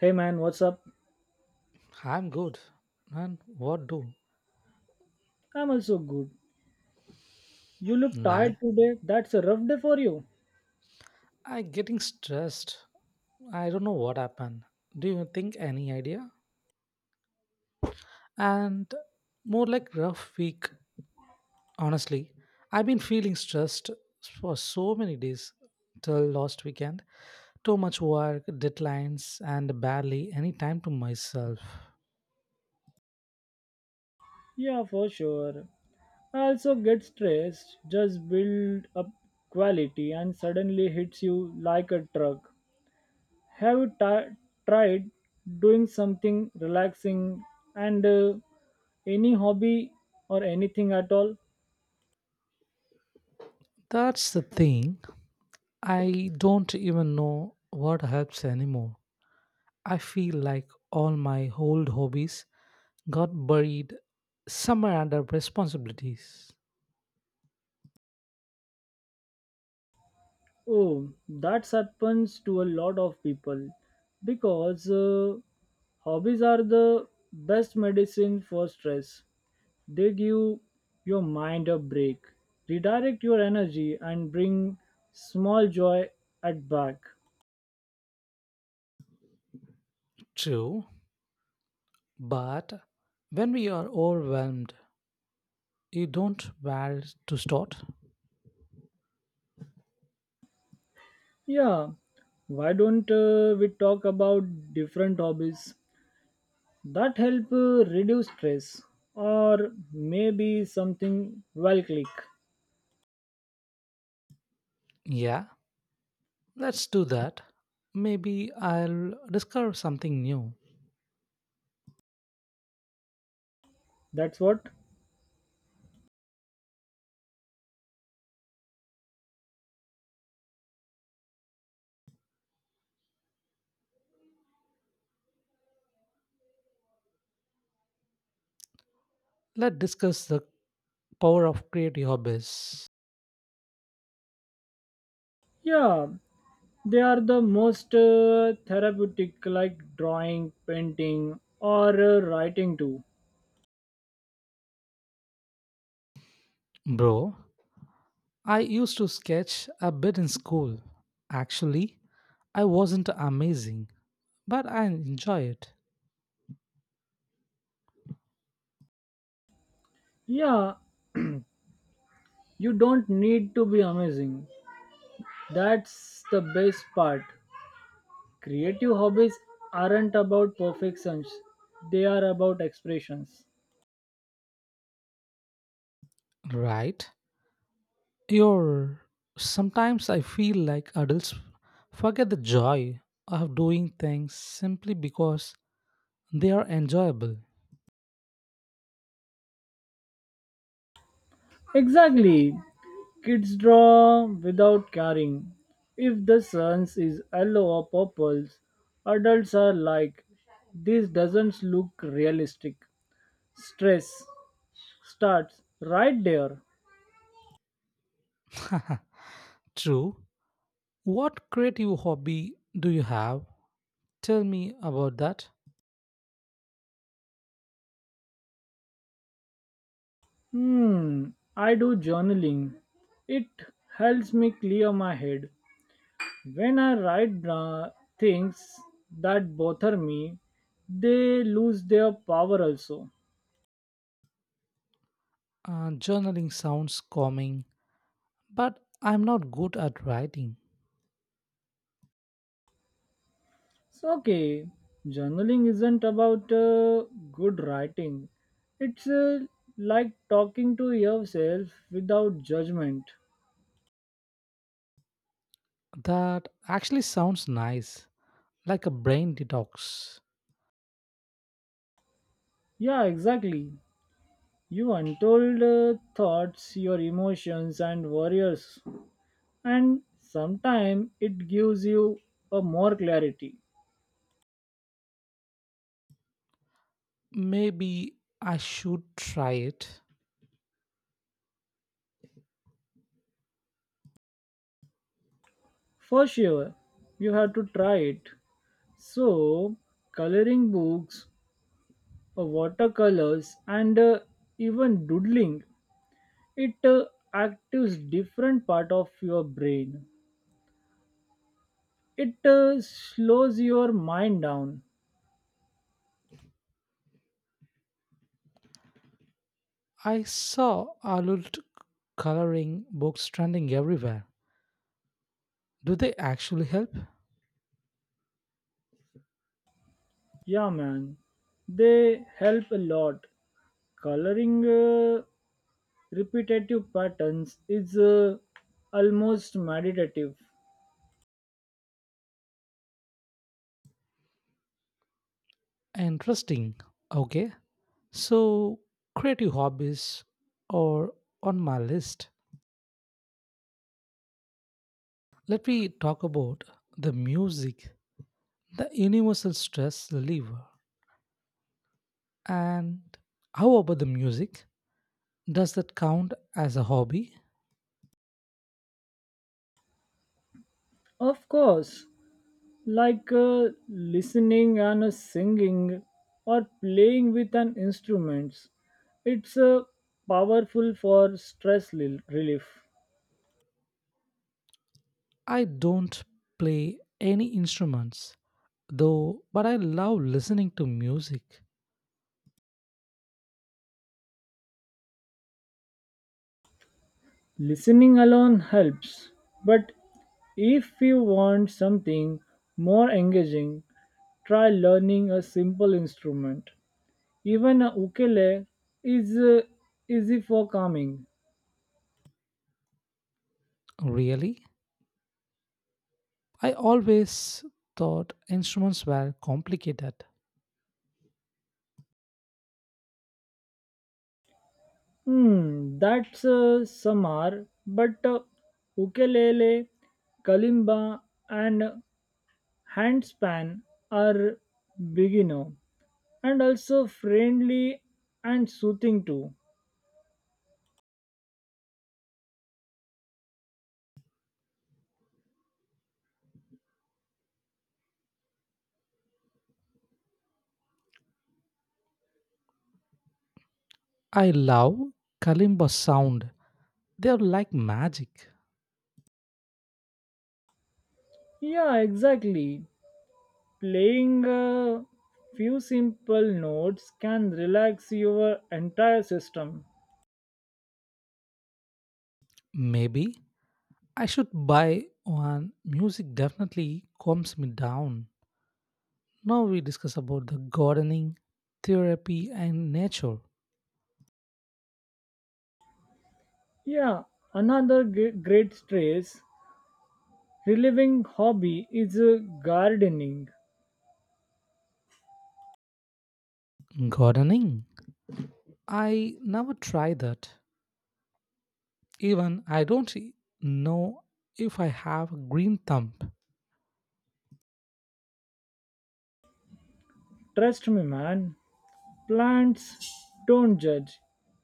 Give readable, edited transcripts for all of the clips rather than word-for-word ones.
Hey man, what's up? I'm good. And what do? I'm also good. You look Nah, tired today. That's a rough day for you. I getting stressed. I don't know what happened. Do you think any idea? And more like rough week, honestly. I've been feeling stressed for so many days till last weekend. Too much work, deadlines, and barely any time to myself. Yeah, for sure. I also get stressed, just build up quality and suddenly hits you like a truck. Have you ti tried doing something relaxing and any hobby or anything at all? That's the thing. I don't even know what helps anymore. I feel like all my old hobbies got buried somewhere under responsibilities. Oh, that happens to a lot of people because hobbies are the best medicine for stress. They give your mind a break, redirect your energy, and bring small joy at back. True, but when we are overwhelmed, you don't where to start. Yeah, why don't we talk about different hobbies that help reduce stress or maybe something well click? Yeah, let's do that. Maybe I'll discover something new. That's what? Let's discuss the power of creative hobbies. Yeah, they are the most therapeutic, like drawing, painting, or writing too. Bro, I used to sketch a bit in school. Actually, I wasn't amazing, but I enjoy it. Yeah, you don't need to be amazing. That's the best part. Creative hobbies aren't about perfections, they are about expressions. Right? Your sometimes I feel like adults forget the joy of doing things simply because they are enjoyable. Exactly. Kids draw without caring. If the sun is yellow or purple, adults are like, this doesn't look realistic. Stress starts right there. True. What creative hobby do you have? Tell me about that. Hmm, I do journaling. It helps me clear my head. When I write things that bother me, they lose their power also. Journaling sounds calming, but I'm not good at writing. So, okay, journaling isn't about good writing, it's like talking to yourself without judgment. That actually sounds nice, like a brain detox. Yeah, exactly. You untold thoughts, your emotions, and worries, and sometimes it gives you a more clarity. Maybe I should try it. For sure, you have to try it. So, coloring books, watercolors, and even doodling, it actives different part of your brain. It slows your mind down. I saw adult coloring books trending everywhere. Do they actually help? Yeah, man, they help a lot. Coloring repetitive patterns is almost meditative. Interesting. Okay. So, creative hobbies are on my list. Let me talk about the music, the universal stress reliever. And how about the music? Does that count as a hobby? Of course, like listening and singing or playing with an instrument. It's powerful for stress relief. I don't play any instruments though, but I love listening to music. Listening alone helps, but if you want something more engaging, try learning a simple instrument. Even a ukulele is easy for calming. Really? I always thought instruments were complicated. That's samar, but ukulele, kalimba, and handspan are beginner and also friendly and soothing too. I love kalimba sound. They are like magic. Yeah, exactly. Playing a few simple notes can relax your entire system. Maybe I should buy one. Music definitely calms me down. Now we discuss about the gardening, therapy and nature. Yeah, another great stress relieving hobby is gardening. Gardening? I never tried that. Even I don't know if I have a green thumb. Trust me, man. Plants don't judge.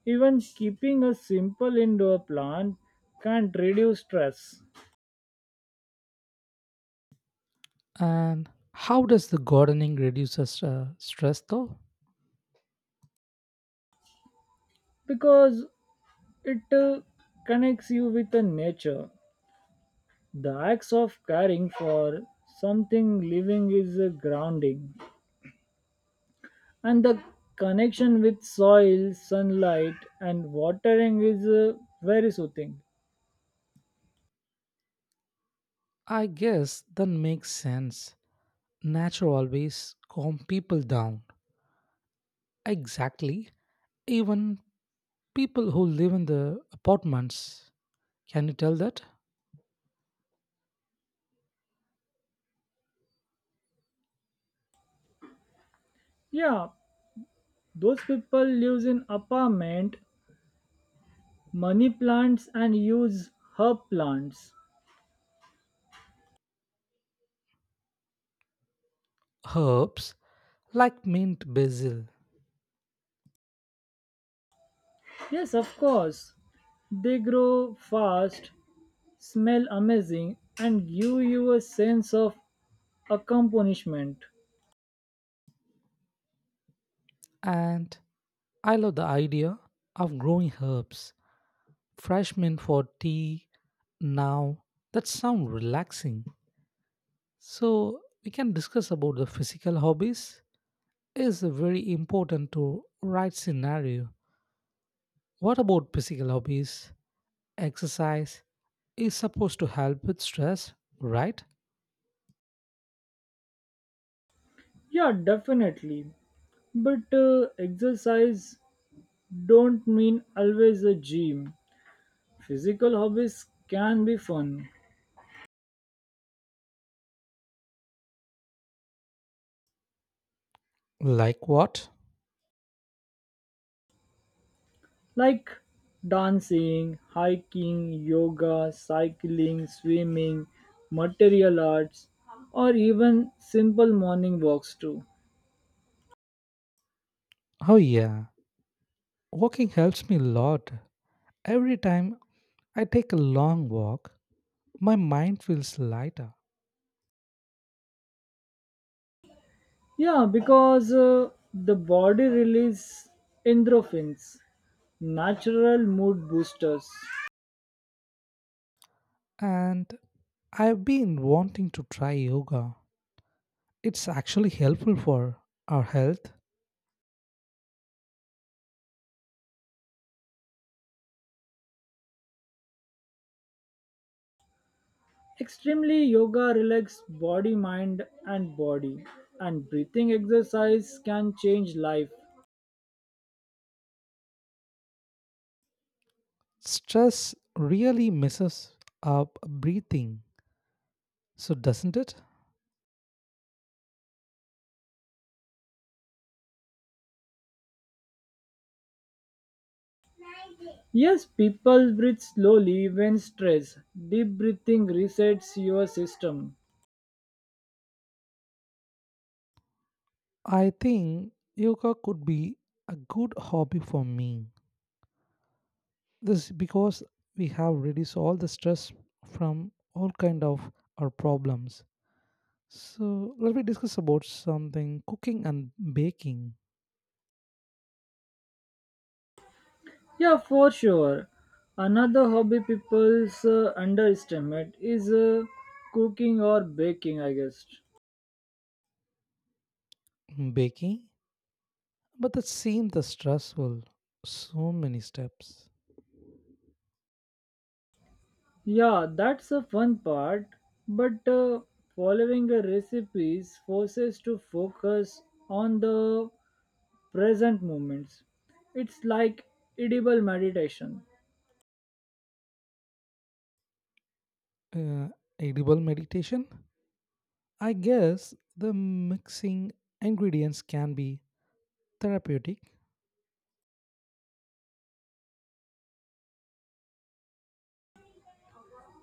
Even keeping a simple indoor plant can not reduce stress And how does the gardening reduces stress though? because it connects you with the nature. The acts of caring for something living is grounding, and the connection with soil, sunlight, and watering is very soothing. I guess that makes sense. Nature always calm people down. Exactly. Even people who live in the apartments. Can you tell that? Yeah, those people lives in apartment, money plants, and use herb plants. Herbs like mint basil. Yes, of course. They grow fast, smell amazing, and give you a sense of accomplishment. And I love the idea of growing herbs fresh mint for tea now that sound relaxing so we can discuss about the physical hobbies is very important to right scenario what about physical hobbies exercise is supposed to help with stress right Yeah, definitely. But exercise don't mean always a gym. Physical hobbies can be fun, like what like dancing, hiking, yoga, cycling, swimming, material arts, or even simple morning walks too. oh yeah walking helps me a lot every time I take a long walk my mind feels lighter Yeah, because the body release endorphins, natural mood boosters. and I've been wanting to try yoga it's actually helpful for our health. Extremely yoga relax body, mind, and body, and breathing exercise can change life. Stress really messes up breathing, so doesn't it? Yes, people breathe slowly when stressed. Deep breathing resets your system. I think yoga could be a good hobby for me. This is because we have reduced all the stress from all kind of our problems. So let me discuss about something cooking and baking. Yeah, for sure. Another hobby people underestimate is cooking or baking, I guess. Baking? But it seemed the stressful. So many steps. Yeah, that's a fun part, but following a recipe forces to focus on the present moments. It's like edible meditation. Uh, Edible meditation? I guess the mixing ingredients can be therapeutic.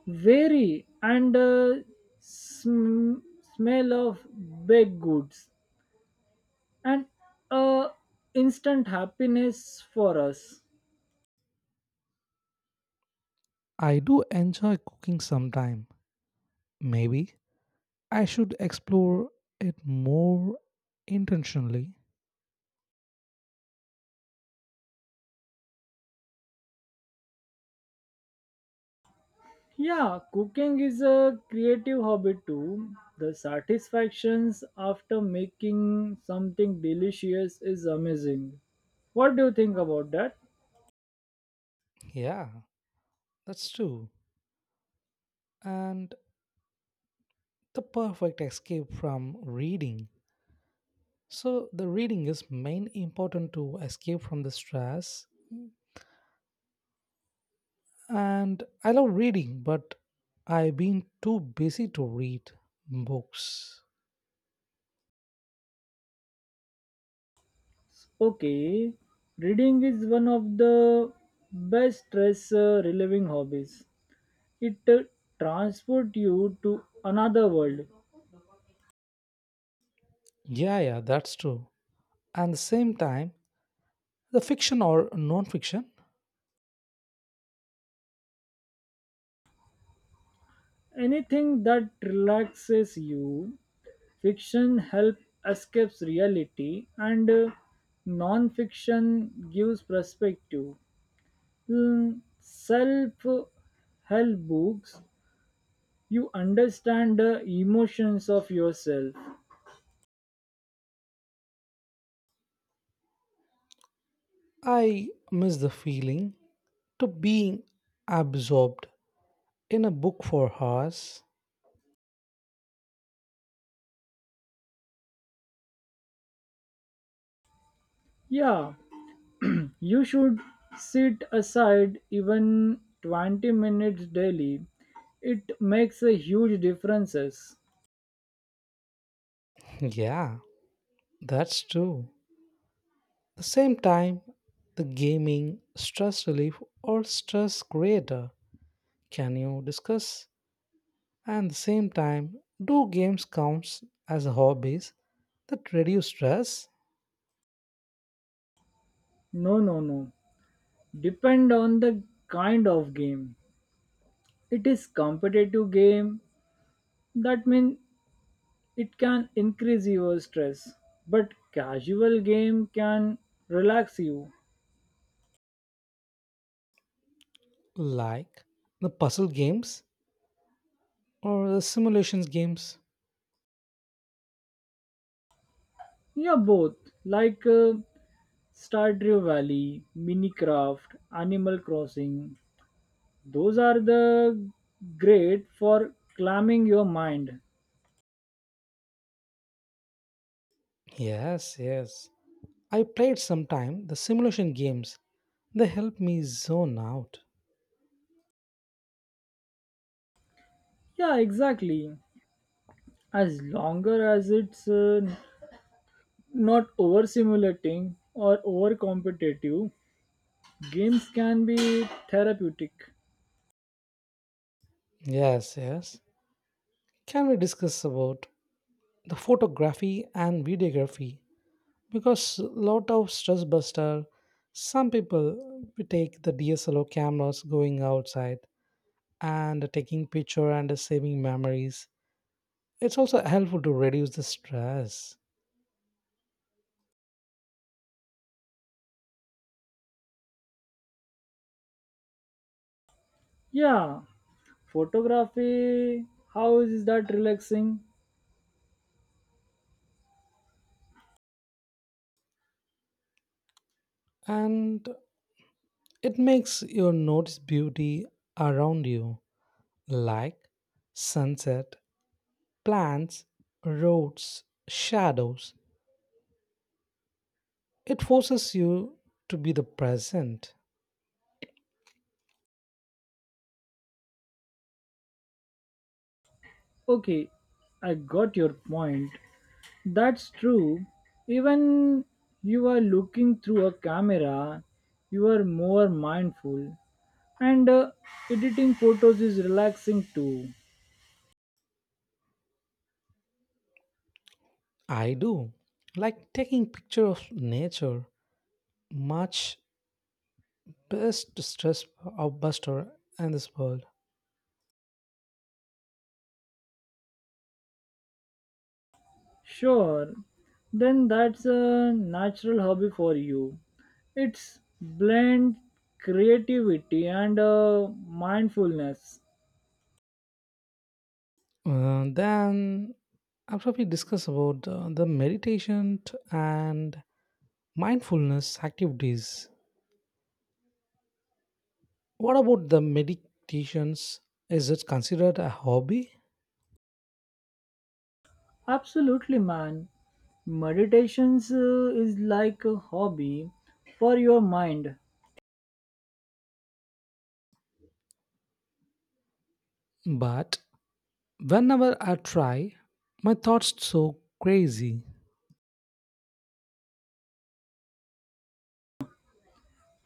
Vary and sm- smell of baked goods and uh, instant happiness for us. I do enjoy cooking sometime. Maybe I should explore it more intentionally. Yeah, cooking is a creative hobby too. The satisfactions after making something delicious is amazing. What do you think about that? Yeah, that's true. And the perfect escape from reading. So the reading is main important to escape from the stress. And I love reading, but I've been too busy to read books. Okay, reading is one of the best stress relieving hobbies. It transport you to another world. Yeah, yeah, that's true. And the same time, the fiction or non-fiction, Anything that relaxes you, fiction helps escapes reality, and non-fiction gives perspective. Self-help books, you understand the emotions of yourself. I miss the feeling to being absorbed in a book for hours. Yeah, you should sit aside even 20 minutes daily. It makes a huge differences. Yeah, that's true. The same time, the gaming, stress relief, or stress creator. Can you discuss? And the same time, do games counts as hobbies that reduce stress, No, no, no. Depend on the kind of game. It is competitive game that means it can increase your stress, but casual game can relax you. like the puzzle games or the simulations games? Yeah, both, like stardew valley, minecraft, animal crossing, those are the great for calming your mind. Yes, yes. I played sometime the simulation games. They help me zone out. Yeah, exactly, as longer as it's not over simulating or over competitive, games can be therapeutic. Yes, yes. Can we discuss about the photography and videography? Because lot of stress buster, some people we take the DSLR cameras going outside and taking picture and saving memories it's also helpful to reduce the stress Yeah, photography. How is that relaxing? and it makes you notice beauty around you like sunset plants roads shadows it forces you to be the present Okay, I got your point. That's true. Even you are looking through a camera, you are more mindful. And editing photos is relaxing too. I do like taking picture of nature much best stress buster in this world. Sure, then that's a natural hobby. For you. It's blend creativity and mindfulness. Then after we discuss about the meditation and mindfulness activities what about the meditations is it considered a hobby Absolutely, man. Meditations is like a hobby for your mind. but whenever I try my thoughts so crazy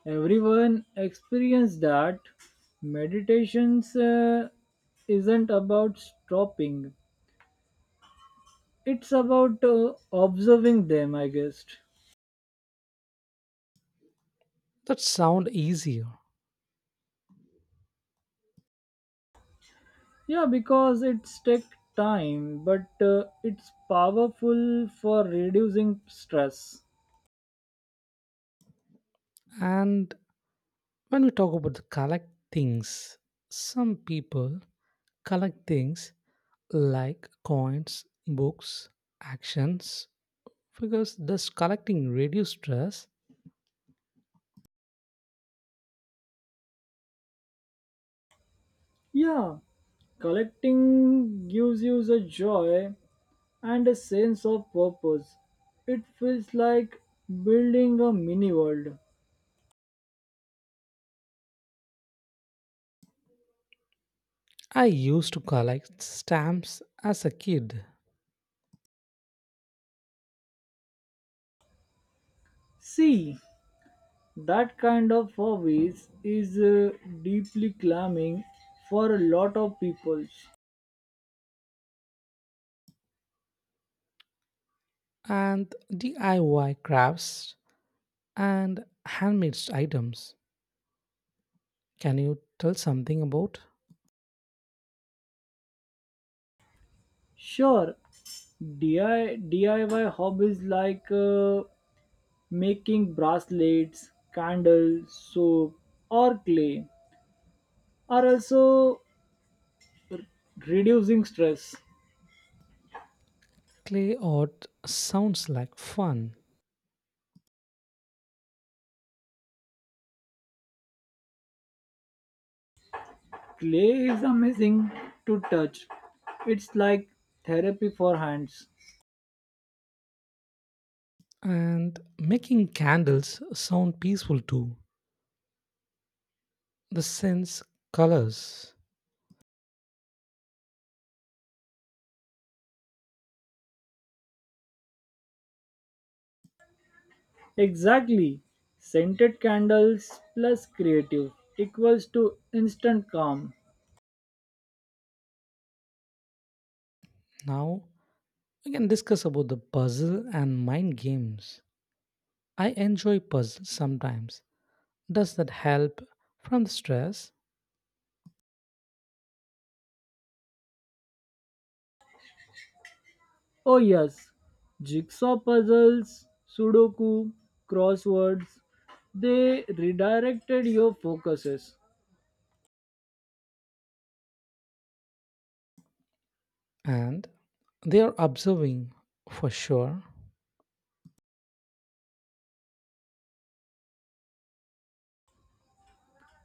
Everyone experience that. Meditations isn't about stopping. It's about observing them, I guess. that sound easier Yeah, because it's take time, but it's powerful for reducing stress. and when we talk about the collect things some people collect things like coins books actions. Because thus collecting reduced stress, Yeah, collecting gives you the joy and a sense of purpose. It feels like building a mini world. I used to collect stamps as a kid See, that kind of hobbies is deeply calming for a lot of people. and DIY crafts and handmade items. Can you tell something about Sure, DIY hobbies like making bracelets, candles, soap, or clay are also reducing stress. clay art? Sounds like fun. Clay is amazing to touch. It's like therapy for hands. And making candles sound peaceful too. The sense colors. Exactly. Scented candles plus creative equals to instant calm. Now we can discuss about the puzzle and mind games. I enjoy puzzles sometimes. Does that help from the stress? Oh, yes. Jigsaw puzzles, Sudoku, crosswords, they redirected your focuses. And they are observing for sure.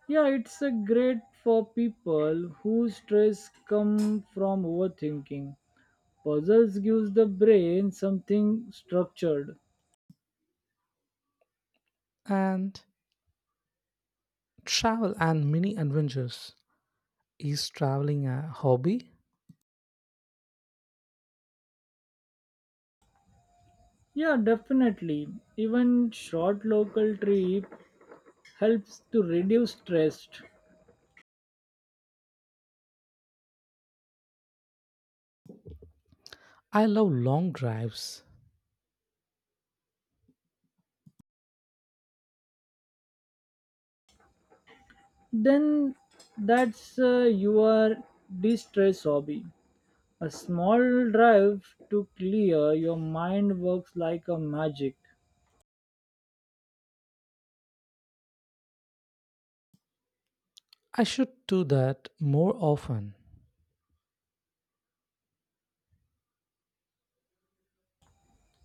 Yeah, it's a great for people whose stress come from overthinking. Puzzles gives the brain something structured. And travel and mini adventures is traveling a hobby. Yeah, definitely. Even short local trip helps to reduce stress. I love long drives. Then that's your de-stress hobby. A small drive to clear your mind works like a magic. I should do that more often.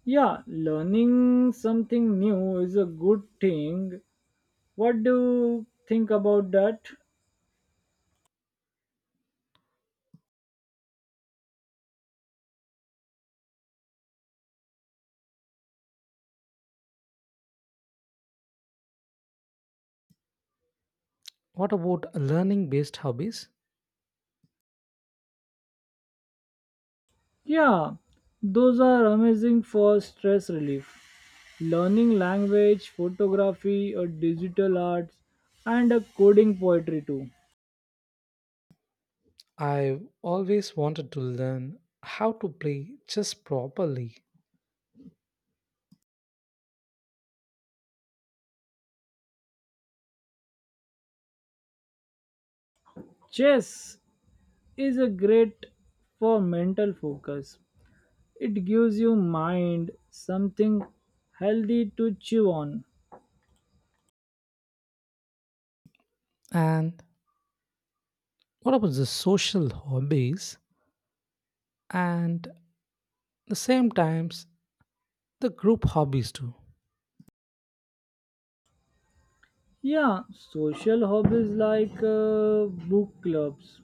Yeah, learning something new is a good thing. What do you think about that? What about learning based hobbies? Yeah, those are amazing for stress relief. Learning language, photography, or digital arts, and a coding poetry too. I've always wanted to learn how to play chess properly. Chess is a great for mental focus. It gives you mind something healthy to chew on. And what about the social hobbies? And the same times, the group hobbies too Yeah, social hobbies like book clubs,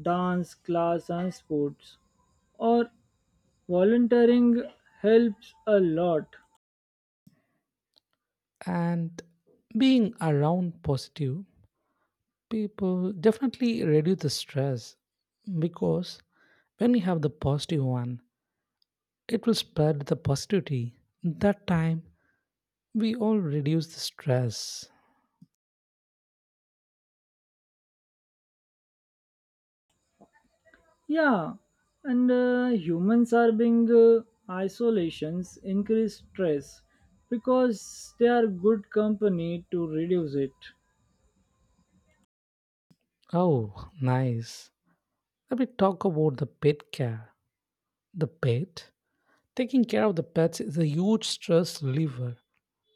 dance class, and sports or volunteering helps a lot. and being around positive people definitely reduce the stress because when we have the positive one it will spread the positivity that time we all reduce the stress. Yeah, and humans are being isolations increase stress because they are good company to reduce it. Oh nice, let me talk about the pet care the pet taking care of the pets is a huge stress reliever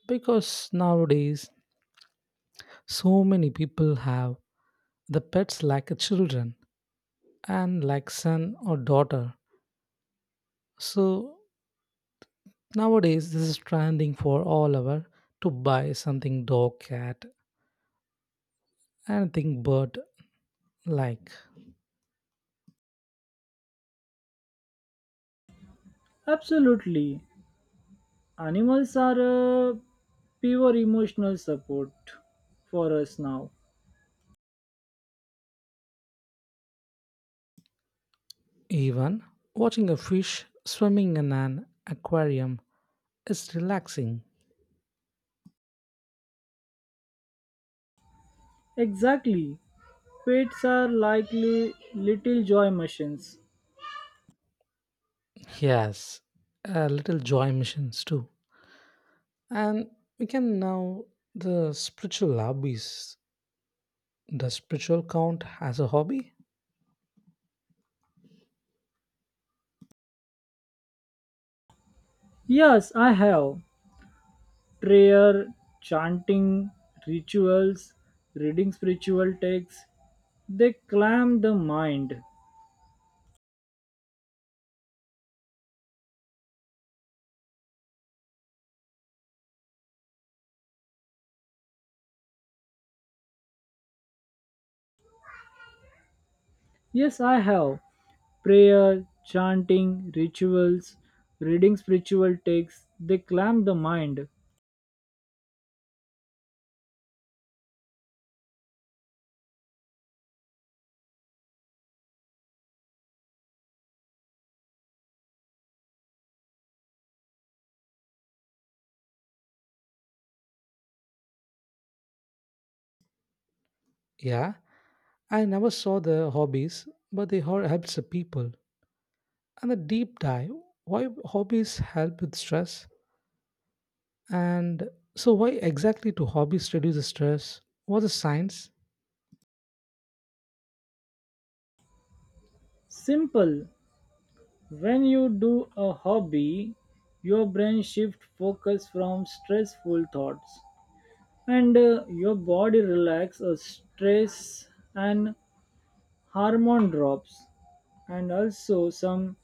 because nowadays so many people have the pets like a children and like son or daughter. So nowadays, this is trending for all our to buy something dog, cat, anything bird like. Absolutely, animals are pure emotional support for us now. Even watching a fish swimming in an aquarium is relaxing. Exactly, pets are likely little joy machines. Yes, a little joy missions too. And we can now the spiritual hobbies. The spiritual count as a hobby? Yes, I have prayer, chanting, rituals, reading spiritual texts, they clam the mind. Yes, I have. Prayer, chanting, rituals, reading spiritual texts, they clam the mind. Yeah, I never saw the hobbies, but they are helps the people. And a deep dive why hobbies help with stress and so why exactly do hobbies reduce the stress? What's the science? Simple. When you do a hobby, your brain shifts focus from stressful thoughts and your body relaxes. Stress and hormone drops and also some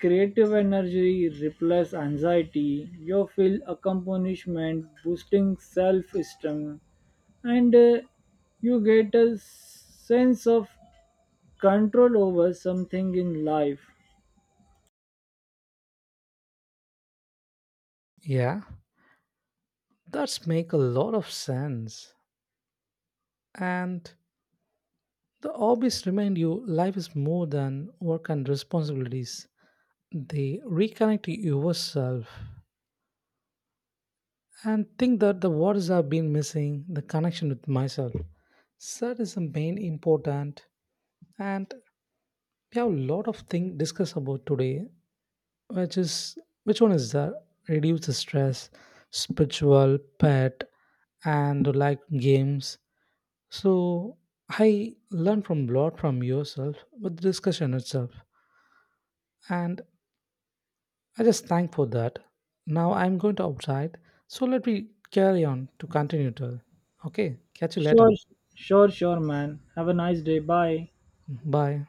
creative energy replaces anxiety. You feel accomplishment, boosting self-esteem, and you get a sense of control over something in life. Yeah, that's make a lot of sense. And the hobbies remind you life is more than work and responsibilities. They reconnect you yourself and think that the words have been missing the connection with myself. So that is the main important and we have a lot of things discuss about today which is which one is that reduce the stress spiritual pet and like games so I learned from lot from yourself with the discussion itself and I just thank for that now I'm going to outside so let me carry on to continue to okay catch you Sure, later sure, sure, man. Have a nice day. Bye. bye